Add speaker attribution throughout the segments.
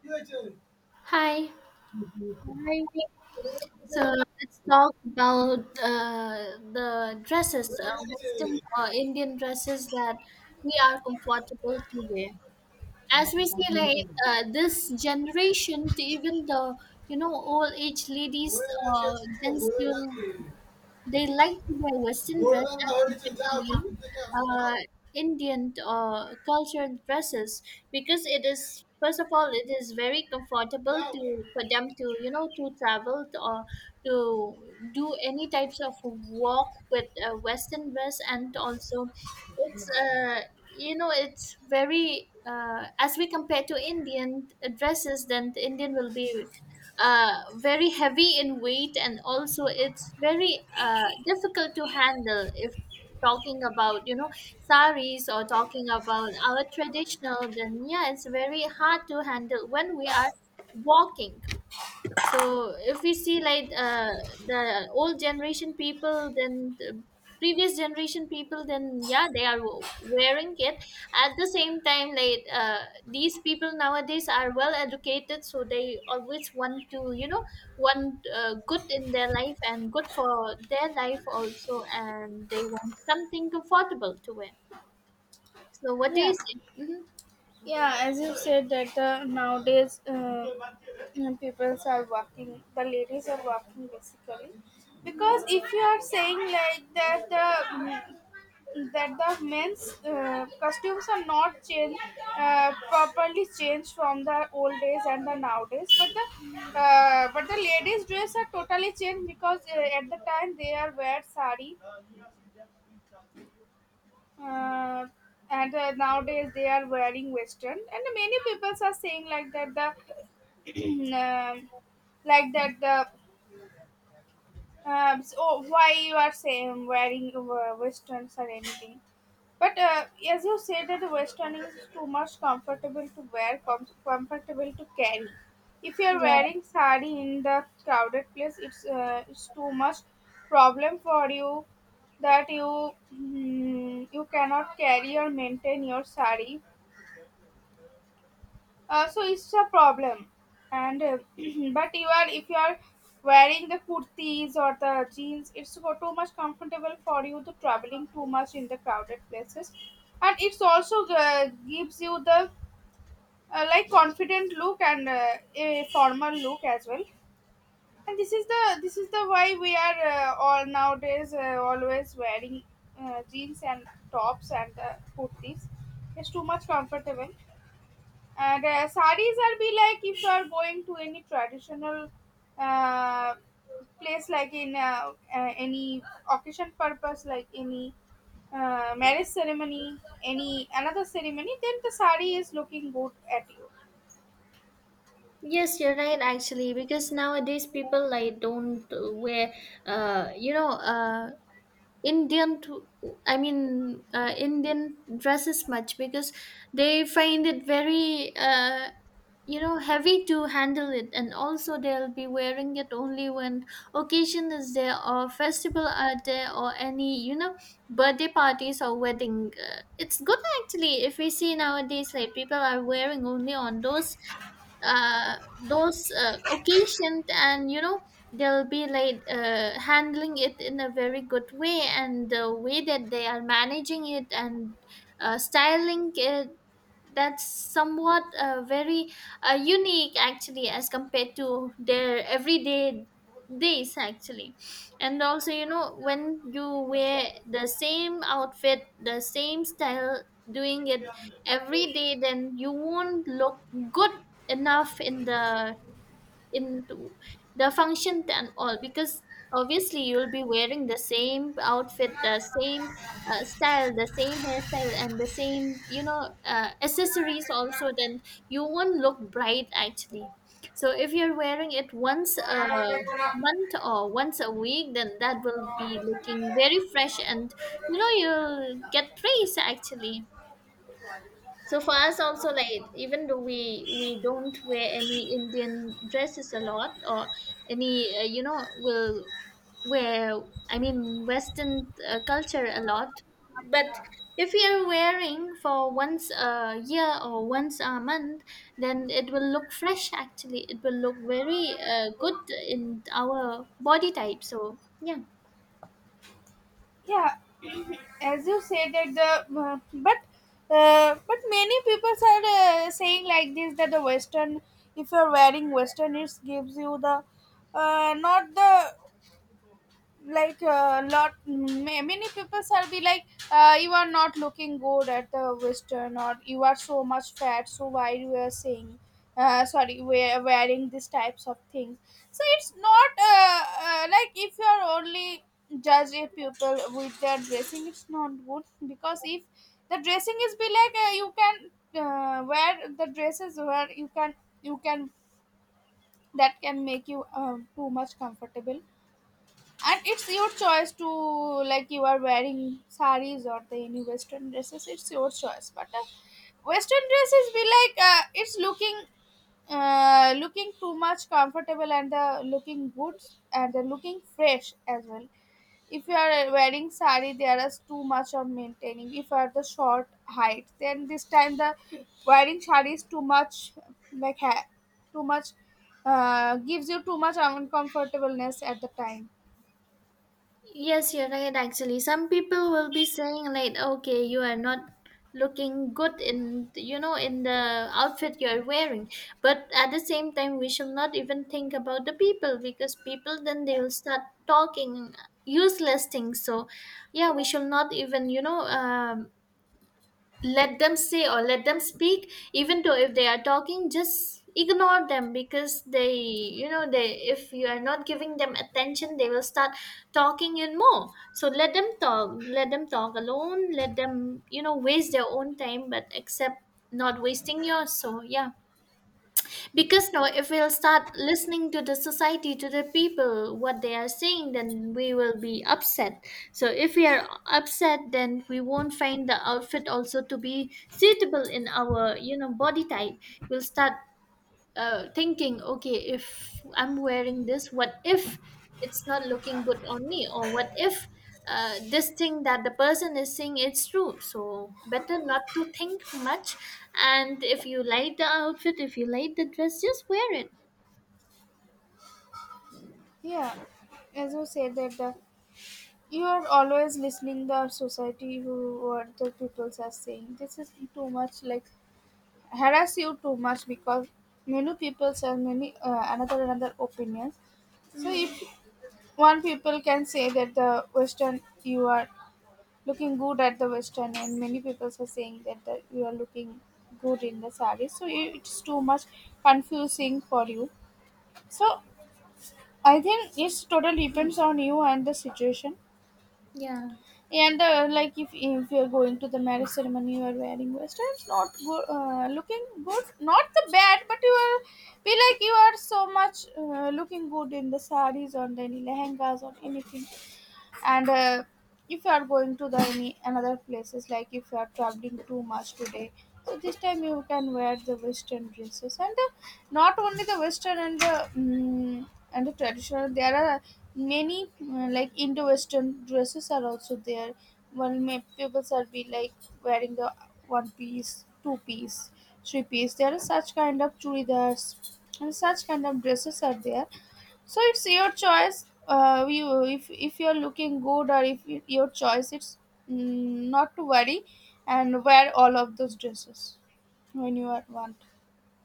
Speaker 1: কি হয়েছে
Speaker 2: Hi.
Speaker 1: ভাই
Speaker 2: So let's talk about the dresses,
Speaker 1: হয়ে গেছে
Speaker 2: Western or Indian dresses that we are comfortable to wear. As we see, like this generation, to even the old age ladies
Speaker 1: হয়ে গেছে
Speaker 2: or
Speaker 1: পুজো
Speaker 2: gents,
Speaker 1: হয়ে গেছে
Speaker 2: they like to wear Western dress
Speaker 1: ভোরবেলা
Speaker 2: as
Speaker 1: হয়েছে যাও
Speaker 2: compared to
Speaker 1: ঠাকুর থেকে আসো যাও
Speaker 2: uh, Indian or cultural dresses because it is first of all it is very comfortable
Speaker 1: যাও
Speaker 2: to for them to to travel to, or to do any types of walk with a Western dress, and also it's you know it's very as we compare to indian dresses, then the indian will be very heavy in weight, and also it's very difficult to handle. If talking about saris, or talking about our traditional, then yeah, it's very hard to handle when we are walking. So if we see like the old generation people, then the previous generation people, then yeah, they are wearing it. At the same time, like these people nowadays are well educated, so they always want to want good in their life and good for their life also, and they want something comfortable to wear. So what do
Speaker 1: yeah
Speaker 2: you say?
Speaker 1: Yeah, as you said that nowadays people are walking, the ladies are walking basically,
Speaker 2: Hmm.
Speaker 1: because if you are saying like that the men's costumes are not change properly changed from the old days and the nowadays, but the ladies' dress are totally changed because at the time they are wear sari uh, and nowadays they are wearing western, and many people are saying like that the like that the so oh, why you are saying wearing westerns or anything? But as you said that the western is too much comfortable to wear, comfortable to carry. If you are
Speaker 2: Yeah.
Speaker 1: wearing sari in the crowded place, it's too much problem for you that you cannot carry or maintain your sari, so it's a problem. And but you are if you are wearing the kurtis or the jeans, it's too much comfortable for you to traveling too much in the crowded places, and it's also gives you the like confident look and a formal look as well. And this is the why we are all nowadays always wearing jeans and tops and kurtis. It's too much comfortable. And saris are be like if you are going to any traditional uh, place, like in any occasion purpose, like any marriage ceremony, any another ceremony, then the sari is looking good at you.
Speaker 2: Yes, you're right, actually, because nowadays people like don't wear uh you know uh Indian to, I mean Indian dresses much because they find it very heavy to handle it, and also they'll be wearing it only when occasion is there or festival are there or any birthday parties or wedding. It's good actually. If we see nowadays, like people are wearing only on those those occasions, and you know they'll be like handling it in a very good way, and the way that they are managing it and styling it, that's somewhat very unique actually as compared to their everyday days actually. And also, you know, when you wear the same outfit, the same style, doing it every day, then you won't look good enough in the into the function and all, because obviously you'll be wearing the same outfit, the same style, the same hairstyle, and the same accessories also, then you won't look bright actually. So if you're wearing it once a month or once a week, then that will be looking very fresh, and you know you'll get praise actually. So for us also, like, even though we don't wear any Indian dresses a lot or any will wear, I mean Western culture a lot, but if we are wearing for once a year or once a month, then it will look fresh. Actually, it will look very good in our body type. So yeah.
Speaker 1: Yeah, as you said that the but many people are saying like this that the western, if you're wearing western it gives you the not the like many people are be like, you are not looking good at the western, or you are so much fat, so why you are saying sorry we're wearing these types of things. So it's not like, if you are only judge a people with their dressing, it's not good, because if the dressing is be like you can wear the dresses where you can that can make you too much comfortable. And it's your choice to, like, you are wearing saris or the any western dresses, it's your choice. But western dresses be like it's looking looking too much comfortable and the looking good and the looking fresh as well. If you are wearing sari, there is too much on maintaining. If you are the short height, then this time the wearing sari is too much, like too much, gives you too much uncomfortableness at the time.
Speaker 2: Yes, you're right, actually. Some people will be saying like, okay, you are not looking good in, you know, in the outfit you're wearing. But at the same time, we should not even think about the people, because people then they will start talking useless things. So yeah, we should not even, you know, let them say or let them speak, even though if they are talking, just ignore them because they you know they, if you are not giving them attention, they will start talking in more. So let them talk, let them talk alone, let them you know waste their own time, but except not wasting yours. So yeah, because no, if we'll start listening to the society, to the people what they are saying, then we will be upset. So if we are upset, then we won't find the outfit also to be suitable in our you know body type. We'll start thinking, okay, if I'm wearing this, what if it's not looking good on me, or what if this thing that the person is saying it's true? So better not to think much. And if you like the outfit, if you like the dress, just wear it.
Speaker 1: Yeah, as you said that the, you are always listening the society, who what the people are saying. This is too much like harass you too much, because many people are many another opinions. So
Speaker 2: Mm,
Speaker 1: if one people can say that the Western, you are looking good at the Western, and many people are saying that the, you are looking good in the saree. So it's too much confusing for you. So I think it's totally depends on you and the situation.
Speaker 2: yeah.
Speaker 1: And like, if you're going to the marriage ceremony, you are wearing western. It's not good, looking good, not the bad, but you are feel like you are so much looking good in the saris or any lehengas or anything. And if you are going to the any another places, like if you are traveling too much today, so this time you can wear the western dresses. And not only the western and the mm and the traditional, there are many like indo western dresses are also there. Well, may people are be like wearing the one piece, two piece, three piece, there are such kind of churidars and such kind of dresses are there. So it's your choice. You if you're looking good, or if you, your choice, it's, not to worry, and wear all of those dresses when you are want.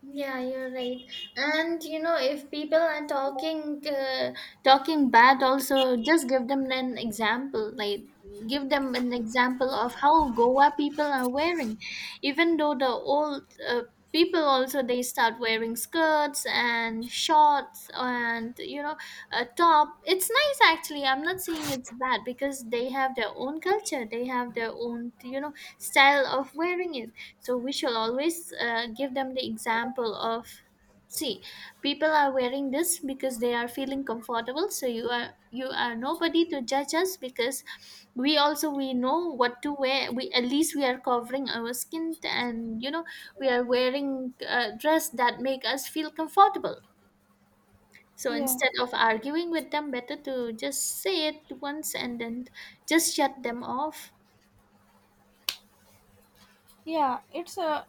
Speaker 2: Yeah, you're right. And you know, if people are talking talking bad, also just give them an example. Like, give them an example of how Goa people are wearing. Even though the old people also, they start wearing skirts and shorts and you know a top. It's nice actually. I'm not saying it's bad because they have their own culture. They have their own you know style of wearing it. So we shall always give them the example of, see, people are wearing this because they are feeling comfortable. So you are nobody to judge us, because we also we know what to wear. We, at least, we are covering our skin, and you know we are wearing a dress that make us feel comfortable. So
Speaker 1: Yeah.
Speaker 2: instead of arguing with them, better to just say it once and then just shut them off.
Speaker 1: Yeah, it's a,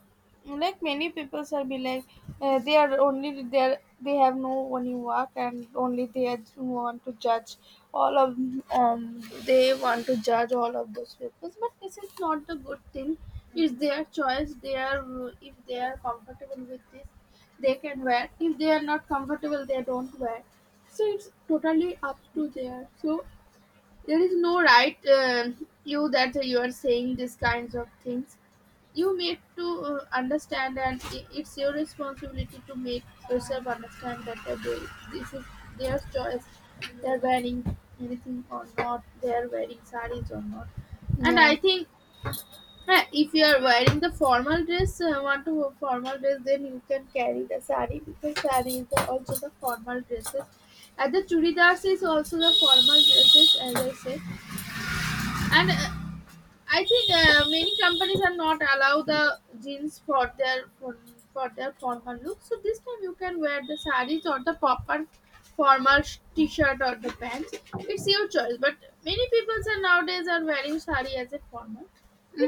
Speaker 1: like many people are be like they are only, they are, they have no only work, and only want to judge all of they want to judge all of those people. But this is not the good thing. It's their choice. They are, if they are comfortable with this, they can wear. If they are not comfortable, they don't wear. So it's totally up to their. So there is no right, you that you are saying these kinds of things. You need to understand, and it's your responsibility to make yourself understand that they, this is their choice. They're wearing anything or not. They're wearing sarees or not. And
Speaker 2: Yeah.
Speaker 1: I think if you are wearing the formal dress, want to wear formal dress, then you can carry the saree, because saree is the, also the formal dresses. And the churidars is also the formal dresses, as I said. And I think many companies are not allow the jeans for their formal look. So this time you can wear the saris or the proper formal t-shirt or the pants. It's your choice. But many people are nowadays are wearing sari as a formal.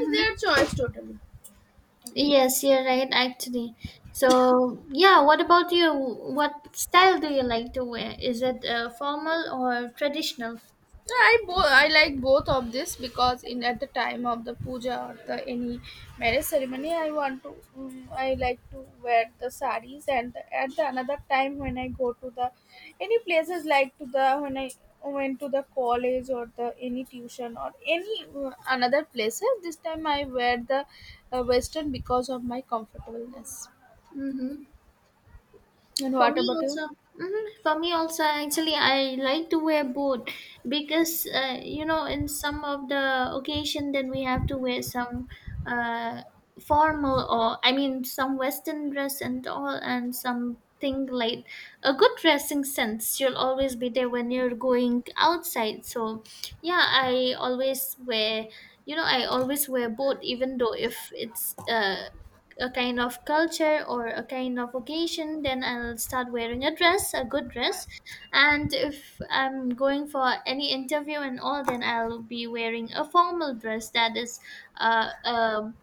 Speaker 1: It's their choice totally.
Speaker 2: Yes, you're right, actually. So yeah, what about you? What style do you like to wear? Is it formal or traditional?
Speaker 1: I like both of this, because in at the time of the puja or the any marriage ceremony, I like to wear the saris, and at the another time when I go to the any places, like to the when I went to the college or the any tuition or any another places. This time I wear the western, because of my comfortableness.
Speaker 2: Mm-hmm.
Speaker 1: And
Speaker 2: For
Speaker 1: what
Speaker 2: me
Speaker 1: about you?
Speaker 2: also, hmm, for me also, actually, I like to wear both, because you know, in some of the occasion, then we have to wear some uh, formal, or I mean, some Western dress and all, and something like a good dressing sense should always be there when you're going outside. So yeah, I always wear. You know, I always wear both, even though if it's a kind of culture or a kind of occasion, then I'll start wearing a dress, a good dress. And if I'm going for any interview and all, then I'll be wearing a formal dress, that is uh, a,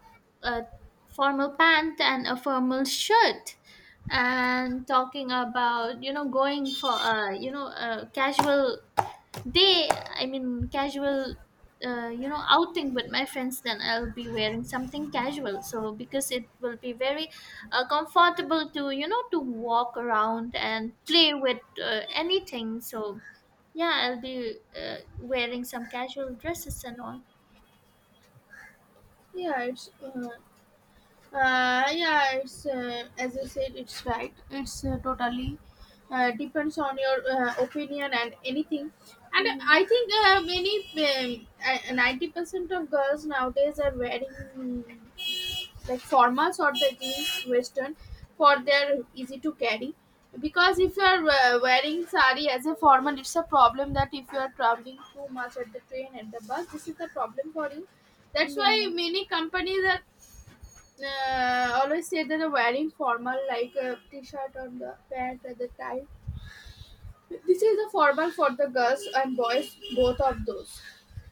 Speaker 2: a formal pant and a formal shirt. And talking about you know going for a you know a casual day, I mean casual, you know, outing with my friends, then I'll be wearing something casual. So because it will be very comfortable to you know to walk around and play with anything. So yeah, I'll be wearing some casual dresses and all.
Speaker 1: Yeah, it's uh, yeah, it's as you said, it's right. It's totally depends on your opinion and anything. And I
Speaker 2: Hmm.
Speaker 1: think many 90% of girls nowadays are wearing, mm, like formals or the jeans western for their easy to carry. Because if you are wearing sari as a formal, it's a problem, that if you are traveling too much at the train and the bus, this is the problem for you. That's
Speaker 2: Yeah.
Speaker 1: why many companies are always say that a wearing formal like a t-shirt or the pant at the time, this is the formal for the girls and boys, both of those.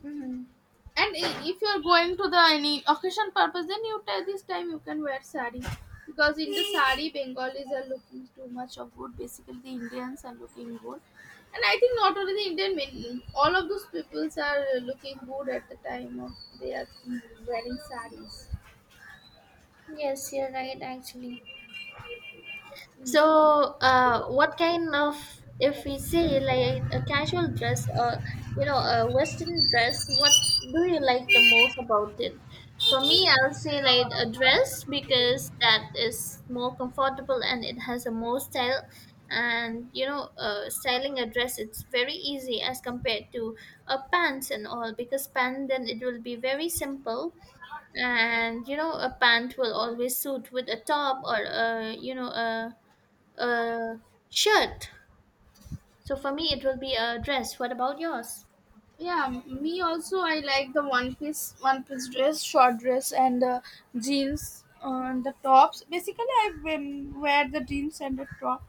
Speaker 2: Hmm.
Speaker 1: And if you're going to the any occasion purpose, then you tell this time you can wear sari, because in the sari Bengalis are looking too much of good, basically the Indians are looking good. And I think not only the Indian men, all of those peoples are looking good at the time of they are, wearing saris.
Speaker 2: Yes, you're right, actually. So, what kind of, if we say like a casual dress, or, you know, a Western dress, what do you like the most about it? For me, I'll say like a dress, because that is more comfortable and it has a more style. And, you know, styling a dress, it's very easy as compared to a pants and all, because pant then it will be very simple. And, you know, a pant will always suit with a top, or a, you know, a shirt. So for me, it will be a dress. What about yours?
Speaker 1: Yeah, me also. I like the one piece dress, short dress, and jeans and the tops. Basically, I wear the jeans and the top,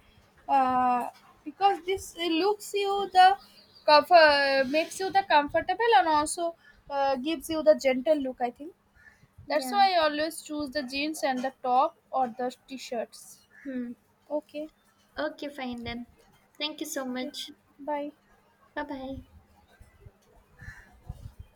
Speaker 1: uh, because this looks you the, cover makes you the comfortable, and also gives you the gentle look. I think that's
Speaker 2: Yeah.
Speaker 1: why I always choose the jeans and the top or the t-shirts.
Speaker 2: Hmm.
Speaker 1: Okay,
Speaker 2: Okay, fine then. Thank you so
Speaker 1: okay,
Speaker 2: much.
Speaker 1: bye.
Speaker 2: Bye bye.